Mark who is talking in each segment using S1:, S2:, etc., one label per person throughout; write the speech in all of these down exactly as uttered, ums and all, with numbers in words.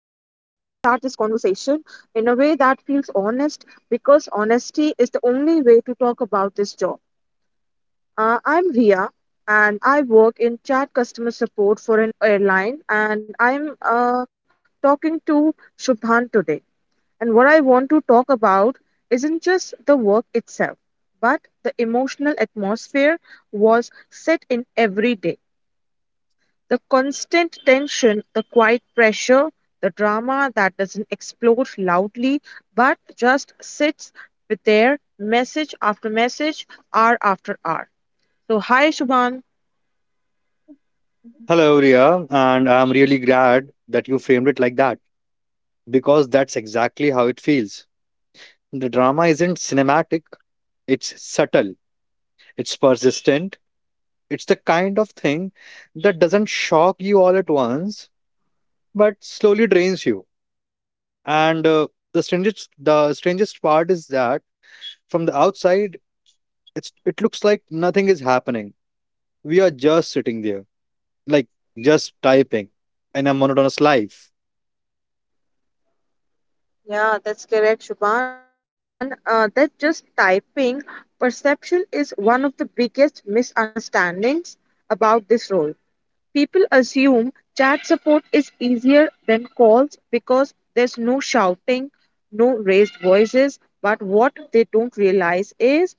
S1: this conversation in a way that feels honest because honesty is the only way to talk about this job. Uh, I'm Ria and I work in chat customer support for an airline, and I'm uh, talking to Shubhan today. And what I want to talk about isn't just the work itself, but the emotional atmosphere was set in every day, the constant tension, the quiet pressure, the drama that doesn't explode loudly but just sits with their message after message, hour after hour. So, hi Shubhan.
S2: Hello, Ria, and I'm really glad that you framed it like that because that's exactly how it feels. The drama isn't cinematic, it's subtle, it's persistent, it's the kind of thing that doesn't shock you all at once but slowly drains you. And uh, The strangest the strangest part is that from the outside it's it looks like nothing is happening. We are just sitting there, like just typing in a monotonous life.
S1: Yeah, that's correct, Shubhan. And uh, that just typing perception is one of the biggest misunderstandings about this role. People assume chat support is easier than calls because there's no shouting, no raised voices. But what they don't realize is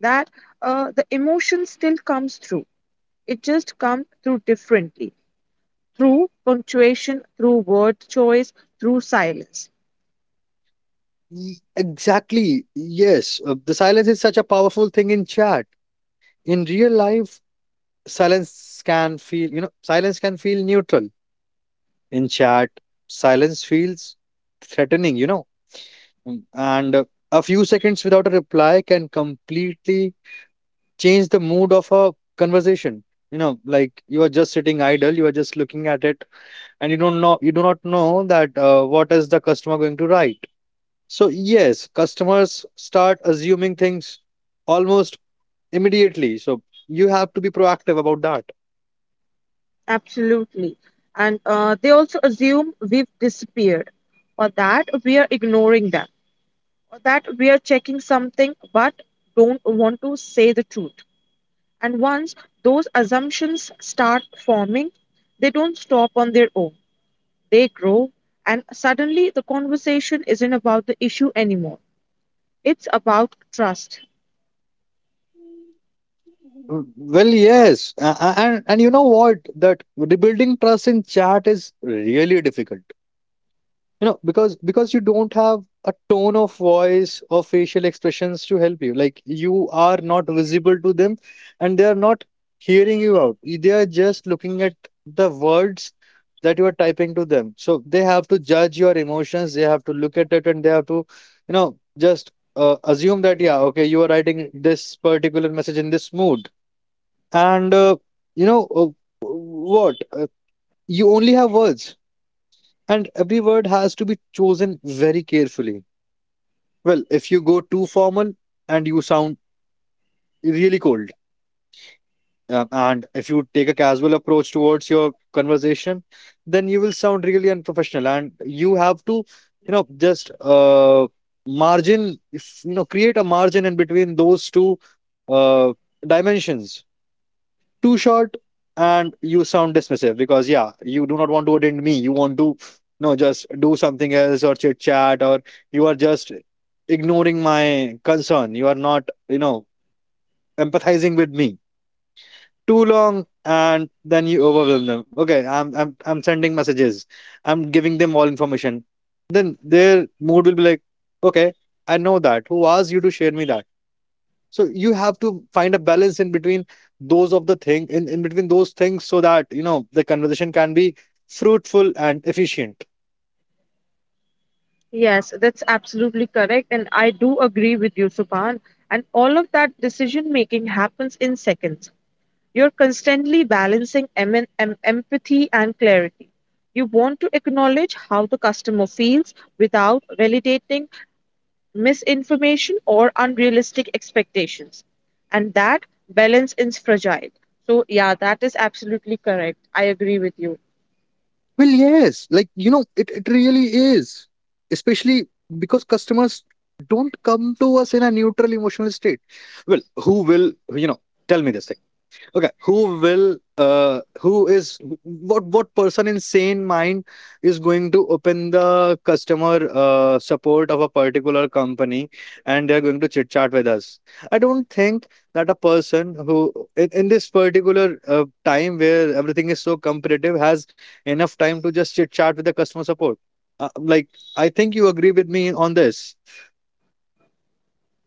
S1: that uh, the emotion still comes through. It just comes through differently through punctuation, through word choice, through silence.
S2: Y- Exactly. Yes. Uh, the silence is such a powerful thing in chat. In real life, silence can feel, you know, silence can feel neutral. In chat, silence feels threatening, you know. Mm. And uh, a few seconds without a reply can completely change the mood of a conversation. You know, like you are just sitting idle, you are just looking at it, and you don't know, you do not know that uh, what is the customer going to write. So yes, customers start assuming things almost immediately. So you have to be proactive about that.
S1: Absolutely. And uh, they also assume we've disappeared or that we are ignoring them or that we are checking something but don't want to say the truth. And once those assumptions start forming, they don't stop on their own. They grow, and suddenly the conversation isn't about the issue anymore. It's about trust.
S2: Mm, Well, yes, a- a- and and you know what? That rebuilding trust in chat is really difficult. You know, because because you don't have a tone of voice or facial expressions to help you. Like you are not visible to them, and they are not hearing you out. They are just looking at the words that you are typing to them. So they have to judge your emotions, they have to look at it, and they have to, you know, just uh, assume that, yeah, okay, you are writing this particular message in this mood. And, uh, you know, uh, what? Uh, you only have words, and every word has to be chosen very carefully. Well, if you go too formal and you sound really cold. Um, and if you take a casual approach towards your conversation, then you will sound really unprofessional. And you have to, you know, just uh, margin, if, you know, create a margin in between those two uh, dimensions. Too short, and you sound dismissive because, yeah, you do not want to attend me. You want to, no, just do something else or chit chat, or you are just ignoring my concern. You are not, you know, empathizing with me too long, and then you overwhelm them. Okay, i'm i'm, I'm sending messages, I'm giving them all information, then their mood will be like, okay, I know that who asked you to share me that. So you have to find a balance in between those of the thing in, in between those things so that you know the conversation can be fruitful and efficient.
S1: Yes, that's absolutely correct. And I do agree with you, Subhan. And all of that decision making happens in seconds. You're constantly balancing em- em- empathy and clarity. You want to acknowledge how the customer feels without validating misinformation or unrealistic expectations, and that balance is fragile. So yeah, that is absolutely correct. I agree with you.
S2: Well, yes, like you know, it, it really is. Especially because customers don't come to us in a neutral emotional state. Well, who will, you know, tell me this? Okay, who will uh who is what what person in sane mind is going to open the customer uh support of a particular company and they're going to chit chat with us? I don't think that a person who in, in this particular uh, time where everything is so competitive has enough time to just chit chat with the customer support. Uh, like I think you agree with me on this.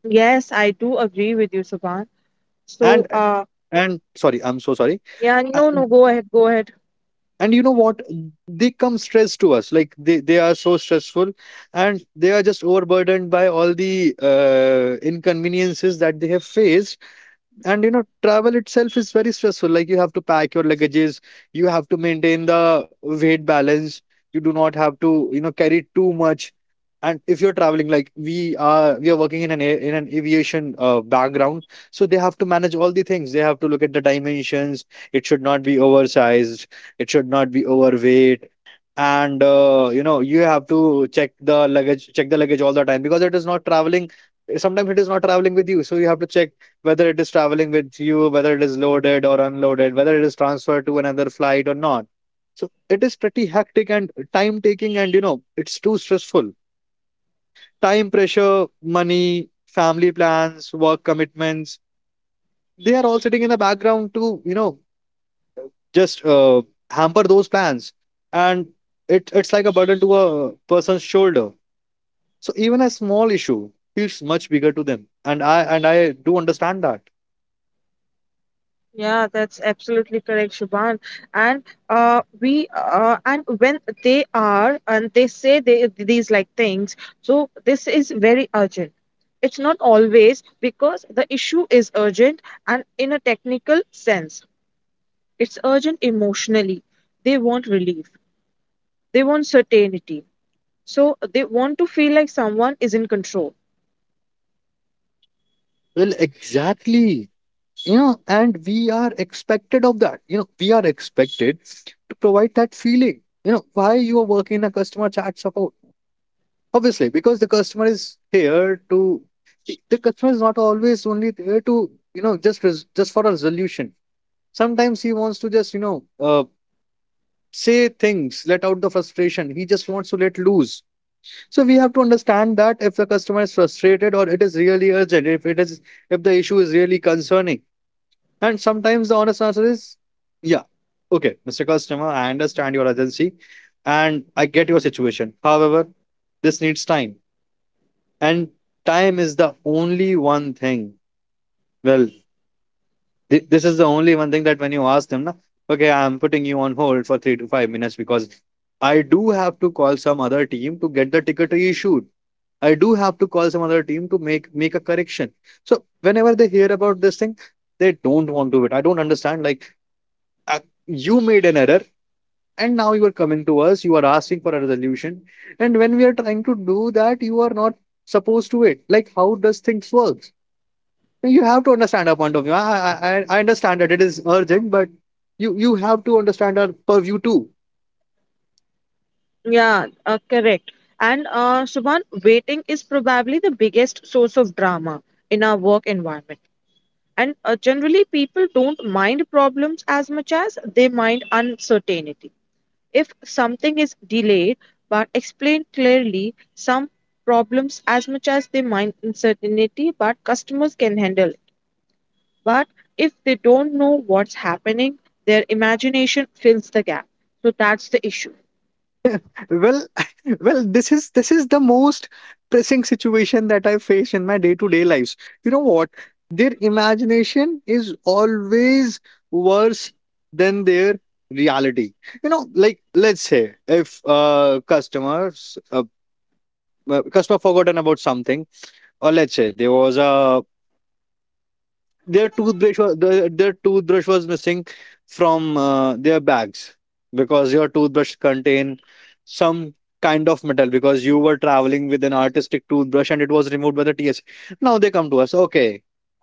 S1: Yes, I do agree with you, Subhan.
S2: And
S1: So uh
S2: and sorry, I'm so sorry.
S1: yeah, no, no, go ahead, go ahead.
S2: And you know what, they come stressed to us, like they, they are so stressful, and they are just overburdened by all the uh, inconveniences that they have faced. And you know travel itself is very stressful, like you have to pack your luggages, you have to maintain the weight balance, you do not have to, you know, carry too much. And if you're traveling, like we are we are working in an a- in an aviation uh, background, so they have to manage all the things, they have to look at the dimensions, it should not be oversized, it should not be overweight. And uh, you know, you have to check the luggage check the luggage all the time, because it is not traveling, sometimes it is not traveling with you, so you have to check whether it is traveling with you, whether it is loaded or unloaded, whether it is transferred to another flight or not. So it is pretty hectic and time taking, and you know it's too stressful. Time pressure, money, family plans, work commitments, they are all sitting in the background to, you know, just uh, hamper those plans. And it, it's like a burden to a person's shoulder, so even a small issue feels much bigger to them, and i and i do understand that.
S1: Yeah, that's absolutely correct, Subhan. And uh we uh and when they are and they say they, these like things, so this is very urgent. It's not always because the issue is urgent and in a technical sense, it's urgent emotionally. They want relief. They want certainty. So they want to feel like someone is in control.
S2: Well, exactly, you know, and we are expected of that, you know, we are expected to provide that feeling. You know, why you are working in a customer chat support? Obviously, because the customer is here to, the the customer is not always only there to, you know, just res- just for a resolution. Sometimes he wants to just, you know, uh, say things, let out the frustration. He just wants to let loose. So we have to understand that if the customer is frustrated or it is really urgent, if it is, if the issue is really concerning. And sometimes the honest answer is, yeah, okay, mister Customer, I understand your urgency and I get your situation. However, this needs time, and time is the only one thing. Well, Thi- This is the only one thing. That when you ask them, na, okay, I'm putting you on hold for three to five minutes because I do have to call some other team to get the ticket reissued. I do have to call some other team to make make a correction. So whenever they hear about this thing, they don't want to do it. I don't understand. Like uh, you made an error, and now you are coming to us. You are asking for a resolution, and when we are trying to do that, you are not supposed to it. Like how does things work? You have to understand our point of view. I, I, I I understand that it is urgent, but you, you have to understand our purview too.
S1: Yeah, uh, correct. And uh, Shubhan, waiting is probably the biggest source of drama in our work environment. And uh, generally, people don't mind problems as much as they mind uncertainty. If something is delayed but explained clearly, some problems as much as they mind uncertainty, but customers can handle. But if they don't know what's happening, their imagination fills the gap. So that's the issue.
S2: Well, well, this is this is the most pressing situation that I face in my day-to-day lives. You know what? Their imagination is always worse than their reality. You know, like let's say if uh customers uh, uh, customer forgotten about something, or let's say there was a their toothbrush was, their, their toothbrush was missing from uh, their bags, because your toothbrush contain some kind of metal, because you were traveling with an artistic toothbrush and it was removed by the T S A. Now they come to us, okay,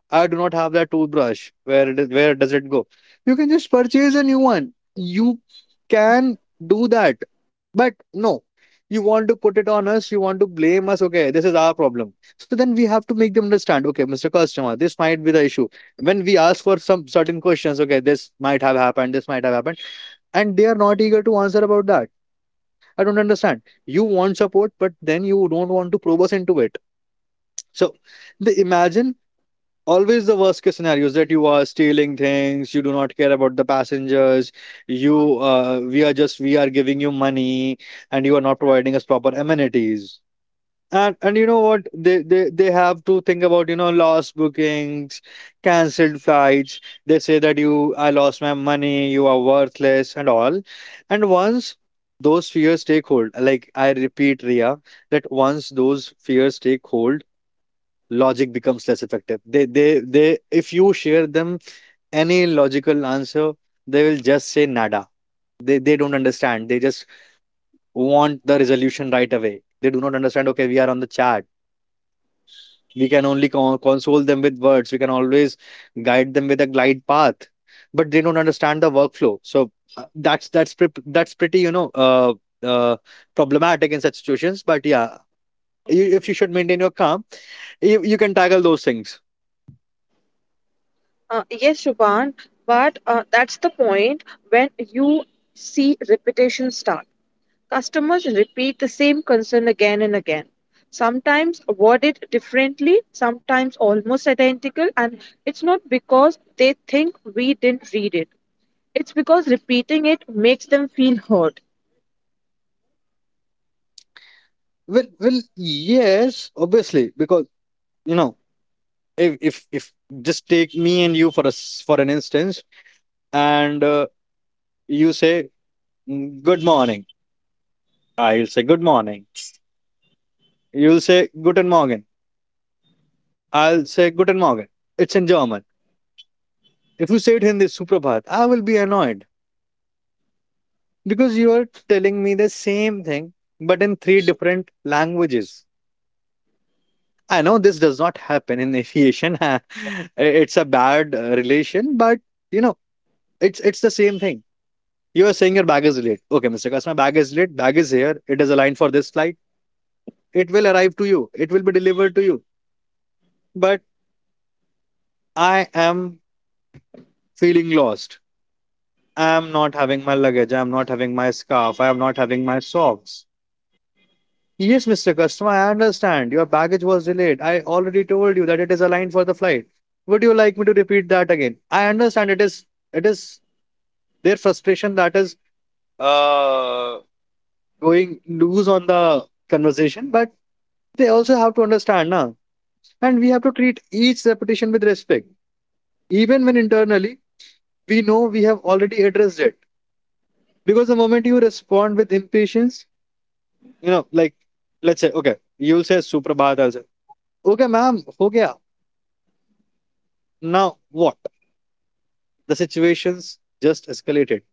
S2: I do not have that toothbrush. Where it is, where does it go? You can just purchase a new one. You can do that. But no, you want to put it on us. You want to blame us. Okay, this is our problem. So then we have to make them understand. Okay, mister Customer, this might be the issue. When we ask for some certain questions, okay, this might have happened. This might have happened, and they are not eager to answer about that. I don't understand. You want support, but then you don't want to probe us into it. So, the imagine always the worst case scenarios, that you are stealing things, you do not care about the passengers, you uh, we are just we are giving you money, and you are not providing us proper amenities. and and you know what, they they, they have to think about, you know, lost bookings, cancelled flights. They say that, you, I lost my money, you are worthless and all. And once those fears take hold, like I repeat, Ria, that once those fears take hold, logic becomes less effective. They they they if you share them any logical answer, they will just say nada. They they don't understand. They just want the resolution right away. They do not understand. Okay, we are on the chat. We can only con- console them with words. We can always guide them with a glide path, but they don't understand the workflow. So uh, that's that's pre- that's pretty, you know, uh, uh, problematic in such situations. But yeah, you, if you should maintain your calm, you, you can tackle those things.
S1: Uh, yes, Shubhan, but uh, that's the point when you see repetition start. Customers repeat the same concern again and again. Sometimes worded differently, sometimes almost identical, and it's not because they think we didn't read it. It's because repeating it makes them feel heard.
S2: Well, well, yes, obviously, because you know, if if if just take me and you for us for an instance, and uh, you say, "Mm, good morning," I'll say good morning. You'll say guten Morgen. I'll say guten Morgen. It's in German. If you say it in the Suprabhat, I will be annoyed because you are telling me the same thing but in three different languages. I know this does not happen in aviation. It's a bad uh, relation, but you know, it's it's the same thing. You are saying your bag is late. Okay, mister Customer, bag is late. Bag is here. It is aligned for this flight. It will arrive to you. It will be delivered to you. But I am feeling lost. I am not having my luggage. I am not having my scarf. I am not having my socks. Yes, Mister Customer, I understand. Your baggage was delayed. I already told you that it is aligned for the flight. Would you like me to repeat that again? I understand it is it is their frustration that is uh going loose on the conversation, but they also have to understand now. And we have to treat each repetition with respect, even when internally we know we have already addressed it. Because the moment you respond with impatience, you know, like, let's say, okay, you'll say Suprabhat as well. Okay, ma'am, ho gaya. Now what? The situation's just escalated.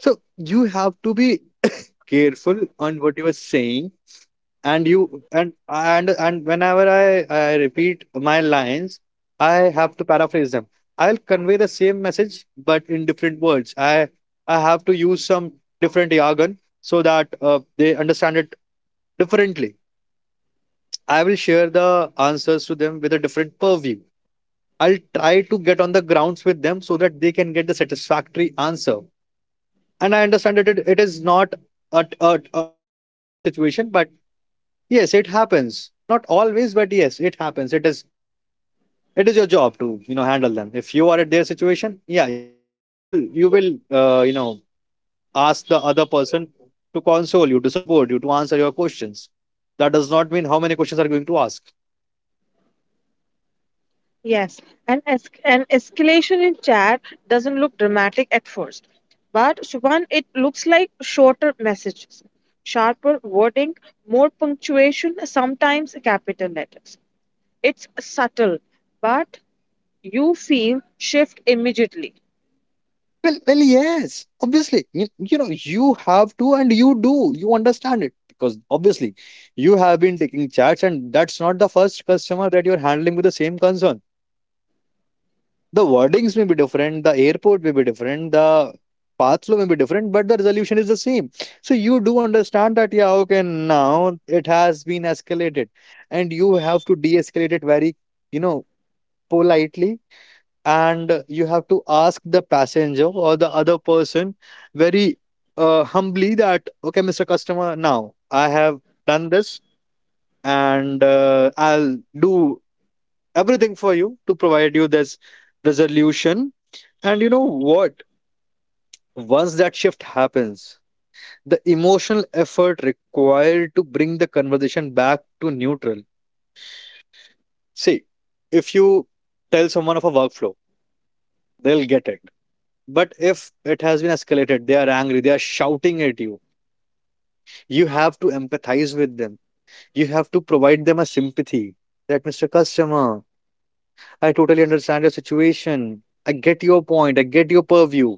S2: So you have to be careful on what you are saying, and you and and and whenever I, I repeat my lines, I have to paraphrase them. I'll convey the same message, but in different words, i i have to use some different jargon so that uh, they understand it differently. I will share the answers to them with a different purview. I'll try to get on the grounds with them so that they can get the satisfactory answer. And I understand that it, it is not a, a, a- an atypical situation, but yes, it happens. Not always, but yes, it happens. It is it is your job to, you know, handle them. If you are at their situation, yeah, you you will you will uh, you know, ask the other person to console you, to support you, to answer your questions. That does not mean how many questions are going to ask.
S1: Yes, and es- an escalation in chat doesn't look dramatic at first, but Shubhan, it looks like shorter messages, sharper wording, more punctuation, sometimes capital letters. It's subtle, but you feel shift immediately.
S2: Well, well, yes, obviously. You, you know, you have to, and you do. You understand it because obviously you have been taking chats, and that's not the first customer that you're handling with the same concern. The wordings may be different, the airport may be different, the path flow may be different, but the resolution is the same. So you do understand that, yeah, okay, now it has been escalated, and you have to de-escalate it very, you know, politely, and you have to ask the passenger or the other person very uh, humbly that, okay, Mister Customer, now I have done this, and uh, I'll do everything for you to provide you this resolution. And you know what? Once that shift happens, the emotional effort required to bring the conversation back to neutral. See, if you tell someone of a workflow, they'll get it. But if it has been escalated, they are angry, they are shouting at you, you have to empathize with them. You have to provide them a sympathy that, Mister Customer, I totally understand your situation. I get your point, I get your purview,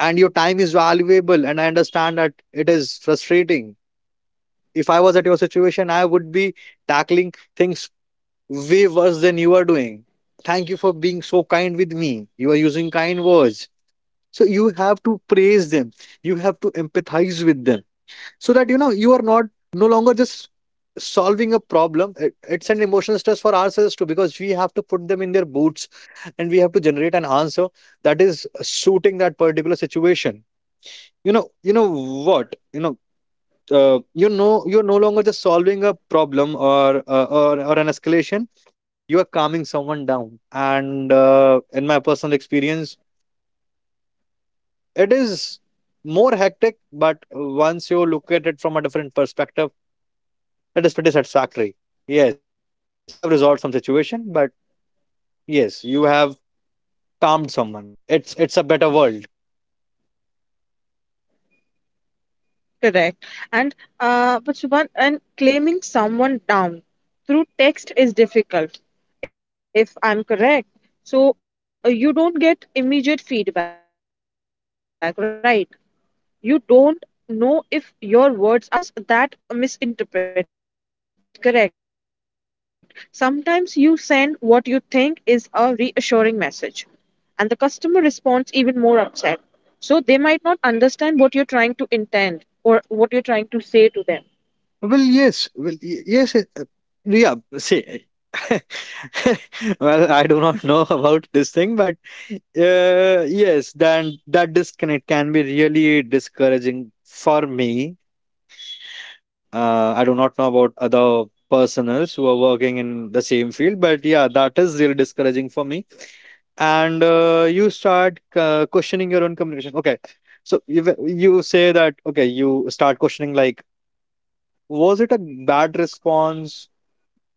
S2: and your time is valuable, and I understand that it is frustrating. If I was at your situation, I would be tackling things way worse than you are doing. Thank you for being so kind with me. You are using kind words. So you have to praise them. You have to empathize with them so that, you know, you are not no longer just solving a problem. It- It's an emotional stress for ourselves too, because we have to put them in their boots and we have to generate an answer that is suiting that particular situation. You know, you know what? You know uh, you know you're no longer just solving a problem or uh, or or an escalation. You are calming someone down, and uh, in my personal experience, it is more hectic. But once you look at it from a different perspective, it is pretty satisfactory. Yes, you have resolved some situation, but yes, you have calmed someone. It's it's a better world.
S1: Correct. And uh, but Shubhan, and claiming someone down through text is difficult, if I'm correct. So uh, you don't get immediate feedback, right? You don't know if your words are landing the way you intended to the customers, so customers that misinterpret, correct? Sometimes you send what you think is a reassuring message, and the customer responds even more upset. So they might not understand what you're trying to intend or what you're trying to say to them.
S2: Well, yes. Well, y- yes. it- uh, Yeah. See, well, I do not know about this thing, but uh, yes, then that disconnect can be really discouraging for me. Uh, I do not know about other personals who are working in the same field, but yeah, that is really discouraging for me. And uh, you start uh, questioning your own communication. Okay, so you you say that, okay, you start questioning, like, was it a bad response?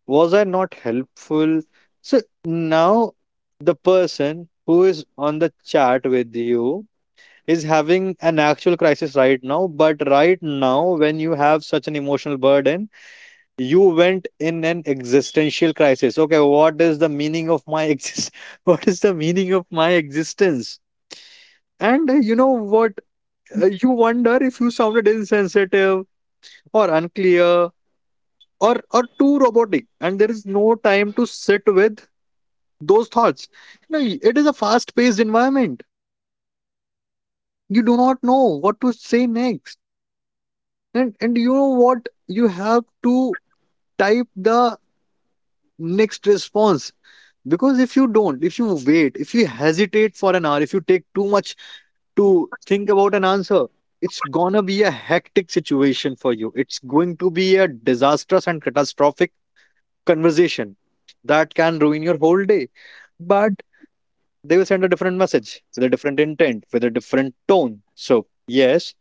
S2: Was I not helpful? So now, the person who is on the chat with you is having an actual crisis right now. But right now, when you have such an emotional burden, you went in an existential crisis. Okay, what is the meaning of my exist? What is the meaning of my existence? And uh, you know what? Uh, you wonder if you sounded insensitive or unclear or or too robotic, and there is no time to sit with those thoughts. You know, it is a fast-paced environment. You do not know what to say next, and and you know what you have to type the next response, because if you don't, if you wait, if you hesitate for an hour, if you take too much to think about an answer, it's gonna be a hectic situation for you. It's going to be a disastrous and catastrophic conversation that can ruin your whole day. But they will send a different message with a different intent, with a different tone. So yes,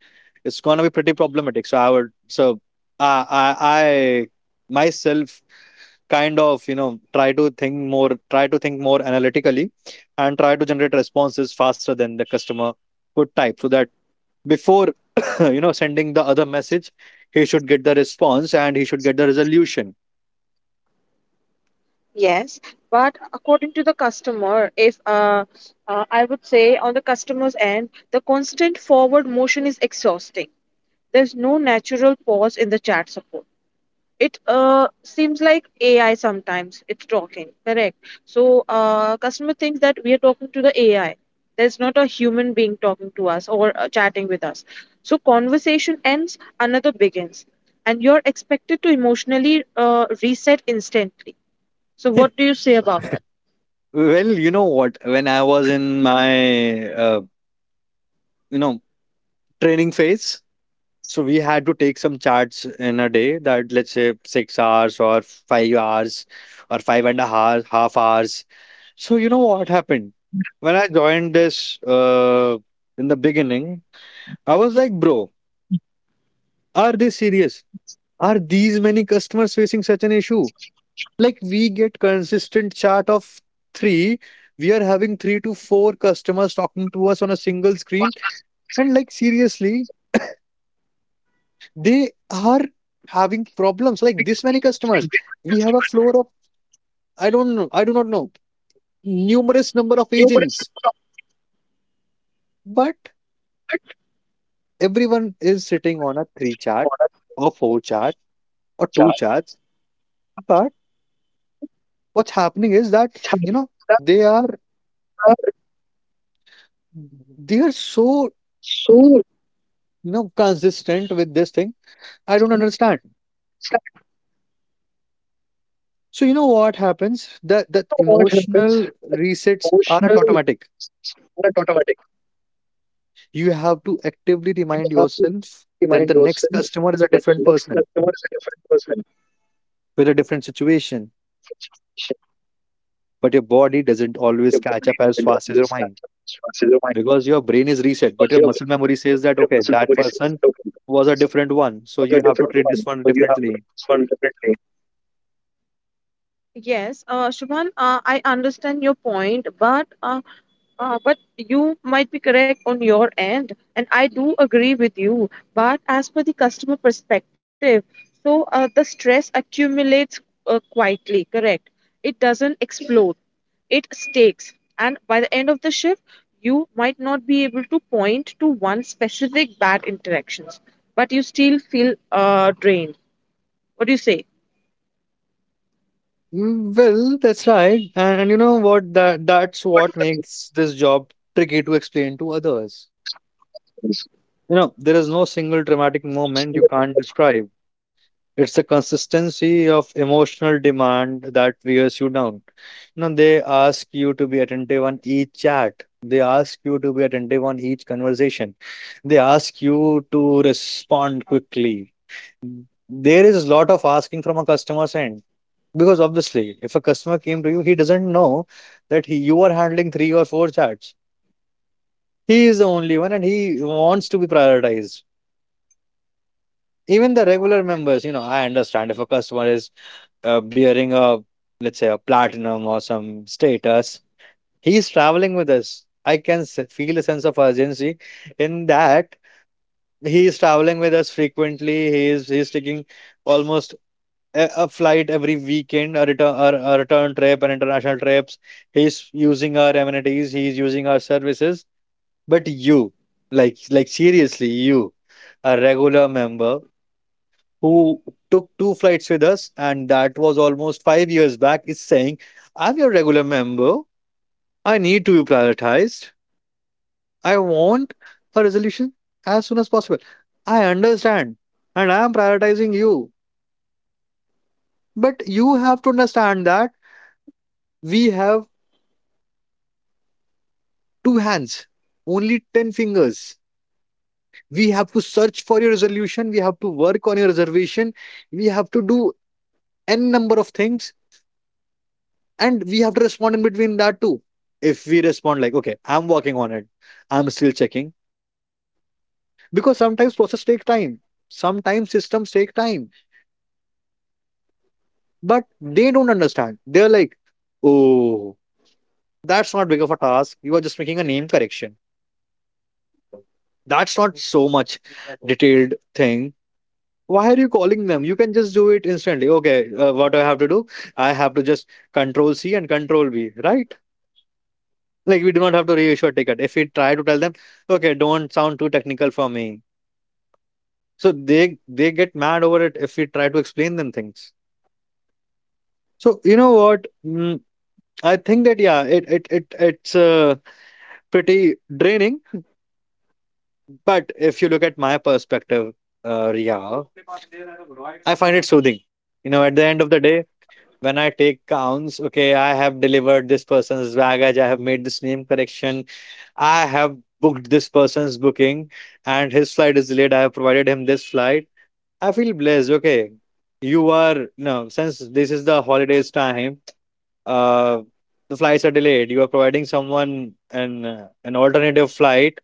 S2: it's gonna be pretty problematic. So I would so I I, I myself kind of you know try to think more, try to think more analytically, and try to generate responses faster than the customer would type, so that before you know sending the other message, he should get the response and he should get the resolution.
S1: Yes, but according to the customer, if uh, uh, I would say, on the customer's end, the constant forward motion is exhausting. There's no natural pause in the chat support. It uh, seems like A I sometimes it's talking, correct? So uh, customer thinks that we are talking to the A I. There's not a human being talking to us or uh, chatting with us. So conversation ends, another begins, and you're expected to emotionally uh, reset instantly. So what do you say about that?
S2: Well, you know what, when I was in my uh, you know training phase, so we had to take some charts in a day, that, let's say, six hours or five hours, or five and a half half hours. So you know what happened? When I joined this uh in the beginning, I was like, bro, are they serious? Are these many customers facing such an issue? Like, we get consistent chart of three. We are having three to four customers talking to us on a single screen. And like, seriously, they are having problems. Like this many customers? We have a floor of, i don't know I do not know, numerous number of agents. But everyone is sitting on a three chart or four chart or two charts. But what's happening is that, you know, they are they are so, you know consistent with this thing. I don't understand.
S1: So
S2: So you know what happens,
S1: know
S2: that
S1: what
S2: that
S1: happens?
S2: emotional resets
S1: Emotional
S2: are not
S1: is
S2: automatic.
S1: not automatic.
S2: You have to actively
S1: You
S2: remind
S1: have to
S2: yourself that
S1: remind
S2: the next
S1: yourself
S2: customer is a
S1: that the
S2: different
S1: next
S2: person
S1: customer is a different person.
S2: with a different situation.
S1: Such a situation,
S2: But your body doesn't
S1: your
S2: always catch
S1: body
S2: up as
S1: depends on
S2: fast as your
S1: this
S2: mind,
S1: responses of my,
S2: because your brain is reset, but
S1: because
S2: your
S1: your
S2: muscle memory says that,
S1: your
S2: okay,
S1: muscle
S2: that
S1: memory says
S2: person
S1: hello.
S2: was a different one. So
S1: A
S2: you have to
S1: different
S2: treat this
S1: one,
S2: one
S1: so you have to
S2: differently.
S1: respond differently. Yes, uh, Shubhan, uh, I understand your point, but uh, Uh, but you might be correct on your end, and I do agree with you. But as per the customer perspective, so uh, the stress accumulates uh, quietly, correct? It doesn't explode, it stakes. And by the end of the shift, you might not be able to point to one specific bad interactions, but you still feel uh, drained. What do you say?
S2: Mm, well, that's right. And, and you know what? That that's what makes this job tricky to explain to others. You know, there is no single dramatic moment you can't describe. It's the consistency of emotional demand that wears you down. You know, they ask you to be attentive on each chat. They ask you to be attentive on each conversation. They ask you to respond quickly. There is a lot of asking from a customer's end, because obviously, if a customer came to you, he doesn't know that he, you are handling three or four chats. He is the only one and he wants to be prioritized. Even the regular members, you know, I understand if a customer is uh, bearing a, let's say, a platinum or some status. He is traveling with us. I can s- feel a sense of urgency in that. He is traveling with us frequently. He is he is taking almost a, a flight every weekend, a return, a, a return trip, and international trips. He's using our amenities, he's using our services. But you like like seriously, you, a regular member who took two flights with us, and that was almost five years back, is saying, I'm your regular member. I need to be prioritized. I want a resolution as soon as possible. I understand, and I am prioritizing you. But you have to understand that we have two hands, only ten fingers. We have to search for your resolution. We have to work on your reservation. We have to do n number of things, and we have to respond in between that too. If we respond like, okay, I'm working on it, I'm still checking, because sometimes process take time, sometimes systems take time. But they don't understand. They're like, oh, that's not big of a task, you are just making a name correction, that's not so much detailed thing, why are you calling them, you can just do it instantly. Okay, uh, what do I have to do? I have to just control C and control V, right? Like we do not have to reissue a ticket. If we try to tell them, okay, don't sound too technical for me. So they they get mad over it if we try to explain them things. So you know what? Mm, I think that, yeah, it it it it's uh, pretty draining. But if you look at my perspective, uh, yeah, I find it soothing. You know, at the end of the day, when I take counts, okay, I have delivered this person's baggage, I have made this name correction, I have booked this person's booking, and his flight is delayed, I have provided him this flight. I feel blessed. Okay, you are no since this is the holidays time. Uh, the flights are delayed. You are providing someone an uh, an alternative flight.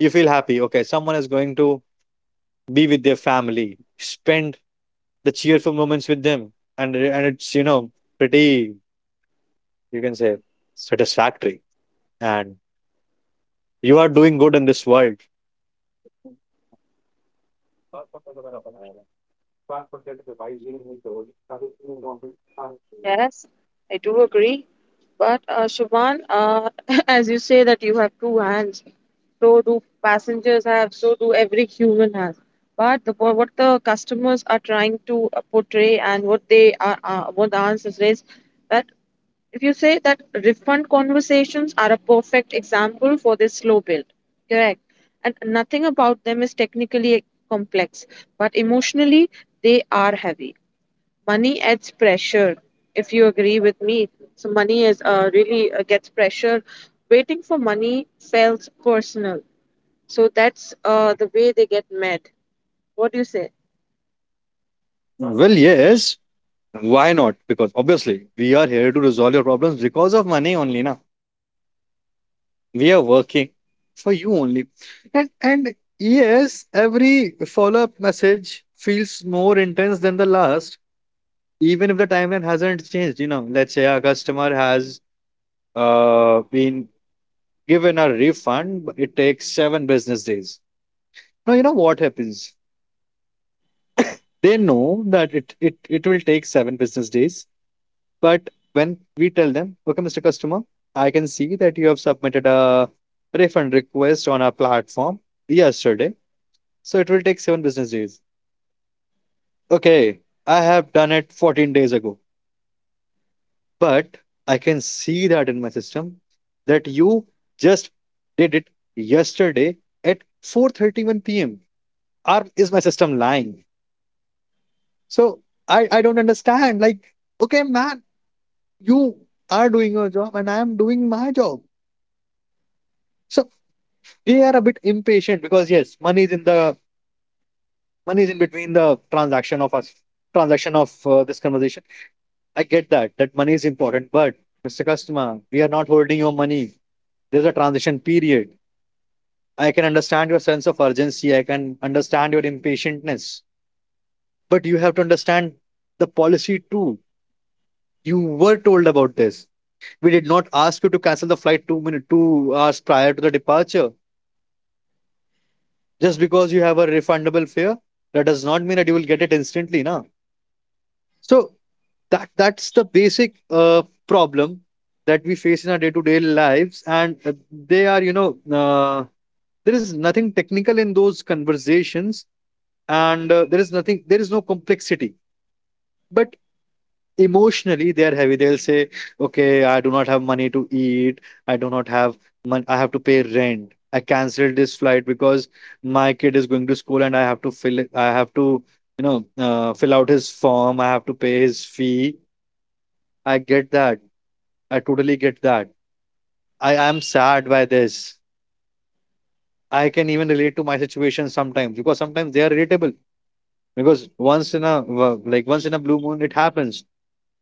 S2: You feel happy. Okay, someone is going to be with their family, spend the cheerful moments with them, and and it's you know pretty, you can say, satisfactory. And you are doing good in this world.
S1: Yes, I do agree. But uh, Shubhan, uh, as you say that you have two hands, so do passengers have, so do every human has. But the, what what the customers are trying to uh, portray and what they are, uh, what the answers is, that if you say that refund conversations are a perfect example for this slow build, correct? And nothing about them is technically complex, but emotionally they are heavy. Money adds pressure, if you agree with me. So money is uh, really uh, gets pressure. Waiting for money feels personal. So that's uh, the way they get mad. What do you say?
S2: Well, yes. Why not? Because obviously, we are here to resolve your problems because of money only, na. We are working for you only. And and yes, every follow-up message feels more intense than the last, even if the timeline hasn't changed. You know, let's say a customer has uh been given a refund, but it takes seven business days. Now you know what happens. They know that it it, it will take seven business days. But when we tell them, okay, Mister Customer, I can see that you have submitted a refund request on our platform yesterday. So it will take seven business days. Okay, I have done it fourteen days ago, but I can see that in my system that you just did it yesterday at four thirty-one p m. Or is my system lying? So I, I don't understand. Like, okay, man, you are doing your job and I am doing my job. So we are a bit impatient, because yes, money is in the money is in between the transaction of us, transaction of uh, this conversation. I get that that money is important, but Mr. Customer, we are not holding your money. There's a transition period. I can understand your sense of urgency, I can understand your impatientness, but you have to understand the policy too. You were told about this. We did not ask you to cancel the flight 2 minute two hours prior to the departure. Just because you have a refundable fare, that does not mean that you will get it instantly, na. So that that's the basic uh, problem that we face in our day-to-day lives, and uh, they are, you know, uh, there is nothing technical in those conversations, and uh, there is nothing, there is no complexity. But emotionally, they are heavy. They'll say, "Okay, I do not have money to eat. I do not have money. I have to pay rent. I canceled this flight because my kid is going to school, and I have to fill it. I have to." You know, uh, fill out his form. I have to pay his fee. I get that. I totally get that. I am sad by this. I can even relate to my situation sometimes because sometimes they are relatable. Because once in a well, like once in a blue moon, it happens,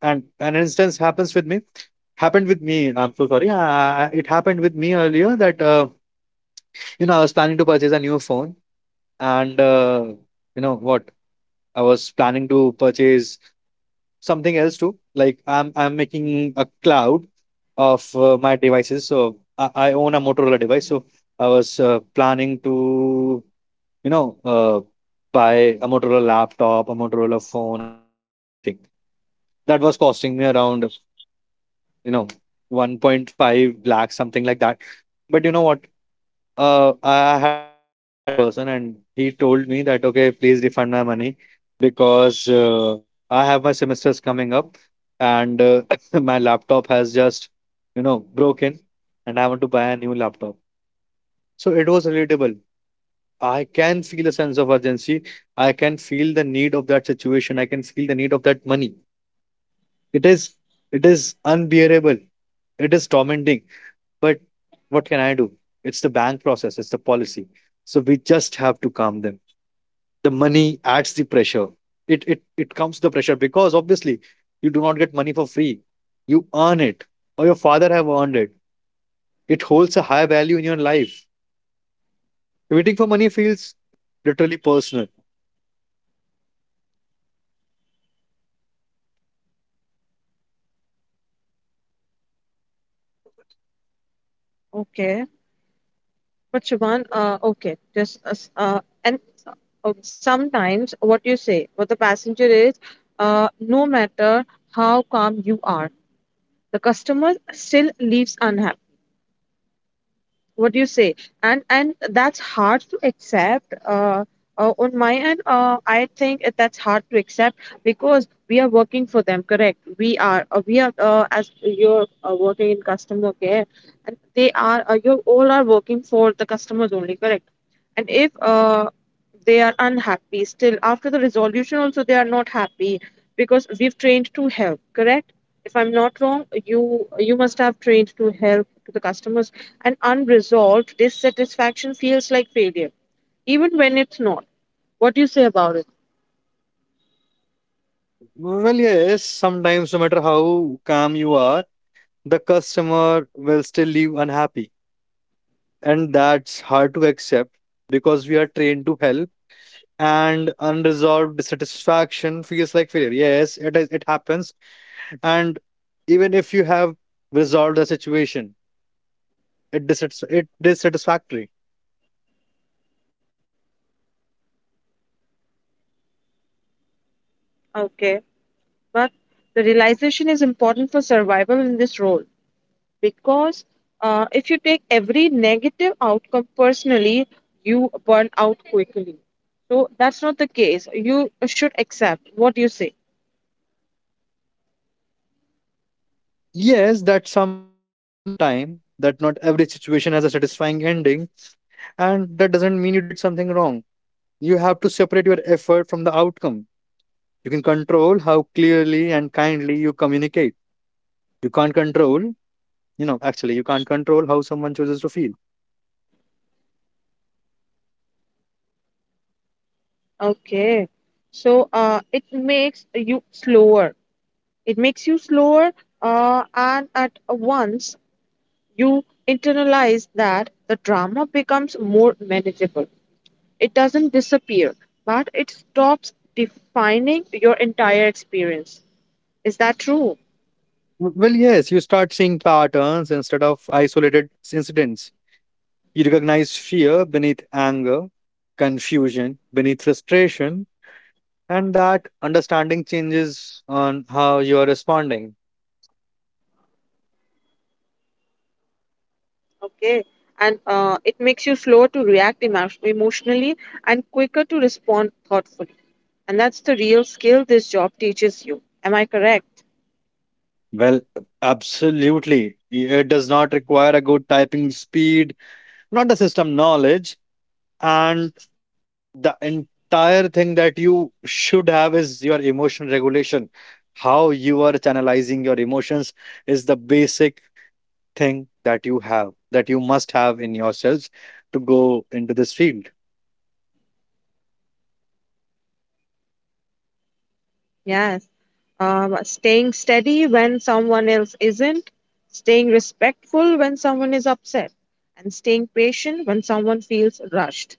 S2: and an instance happens with me. Happened with me. I'm so sorry. Uh, it happened with me earlier that uh, you know, I was planning to purchase a new phone, and uh, you know what? I was planning to purchase something else too. Like I'm I'm making a cloud of uh, my devices. So I, I own a Motorola device. So I was uh, planning to, you know, uh, buy a Motorola laptop, a Motorola phone, a watch, and everything. That was costing me around, you know, one point five lakh, something like that. But you know what? Uh, I I had a chat with this person, and he told me that, okay, please refund my money because uh, I have my semesters coming up, and uh, my laptop has just, you know, broken, and I want to buy a new laptop. So it was relatable. I can feel a sense of urgency. I can feel the need of that situation. I can feel the need of that money. It is, it is unbearable. It is tormenting. But what can I do? It's the bank process, it's the policy. So we just have to calm them. The money adds the pressure. It it it comes the pressure because obviously you do not get money for free. You earn it, or your father have earned it. It holds a high value in your life. Waiting for money feels literally personal.
S1: Okay, but Shubhan, uh, okay just uh, s- uh, and uh, sometimes what you say what the passenger is uh, no matter how calm you are, the customer still leaves unhappy. What do you say? And and that's hard to accept, uh, uh, on my end, uh, I think it- that's hard to accept, because we are working for them, correct? We are uh, we are uh, As you're uh, working in customer care, and they are uh, you all are working for the customers only, correct? And if uh, they are unhappy, still after the resolution also they are not happy, because we've trained to help, correct? If I'm not wrong, you you must have trained to help to the customers. And unresolved dissatisfaction feels like failure, even when it's not. What do you say about it?
S2: Well, yes, sometimes no matter how calm you are, the customer will still leave unhappy. And that's hard to accept because we are trained to help and unresolved dissatisfaction feels like failure. Yes, it is. It happens, and even if you have resolved the situation, it dissats- it dissatisfactory.
S1: Okay, but the realization is important for survival in this role, because uh, if you take every negative outcome personally, you burn out quickly. So that's not the case. You should accept, what do you say.
S2: Yes, that's something you learn over time. That not every situation has a satisfying ending, and that doesn't mean you did something wrong. You have to separate your effort from the outcome. You can control how clearly and kindly you communicate. You can't control, you know, actually, you can't control how someone chooses to feel.
S1: Okay, so uh, it makes you slower. It makes you slower, uh, and at once you internalize that the drama becomes more manageable. It doesn't disappear, but it stops defining your entire experience. Is that true?
S2: Well, yes, you start seeing patterns instead of isolated incidents. You recognize fear beneath anger, confusion beneath frustration, and that understanding changes on how you are responding.
S1: Okay. And uh, it makes you slower to react emo- emotionally and quicker to respond thoughtfully. And that's the real skill this job teaches you. Am I correct?
S2: Well, absolutely. It does not require a good typing speed, not a system knowledge. And the entire thing that you should have is your emotion regulation. How you are channelizing your emotions is the basic thing that you have, that you must have in yourselves, to go into this field.
S1: Yes. Um, staying steady when someone else isn't, staying respectful when someone is upset, and staying patient when someone feels rushed,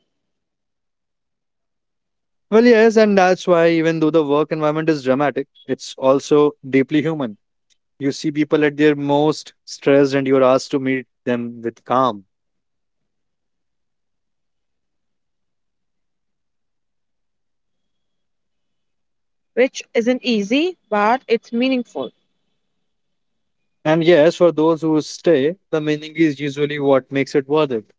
S2: Well, yes, and that's why even though the work environment is dramatic, it's also deeply human. You see people at their most stressed, and you're asked to meet them with calm.
S1: which isn't easy, but it's meaningful.
S2: And yes, for those who stay, the meaning is usually what makes it worth it.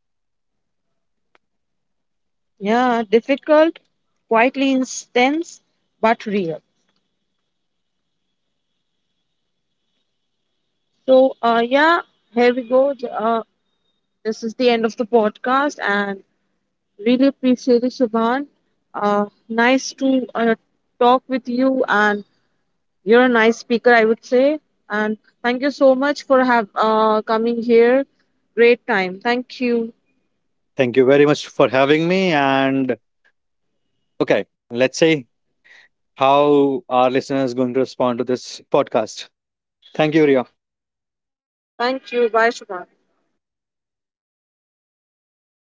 S1: Yeah, difficult, quietly intense, but real. So, uh, yeah, here we go. The- Uh, this is the end of the podcast, and really appreciate it, Shubhan. Uh, nice to uh, talk with you. And you're a nice speaker, I would say. And thank you so much for have uh, coming here. Great time. Thank you.
S2: Thank you very much for having me. And okay, let's see how our listeners going to respond to this podcast. Thank you, Ria.
S1: Thank you. Bye, Shubham.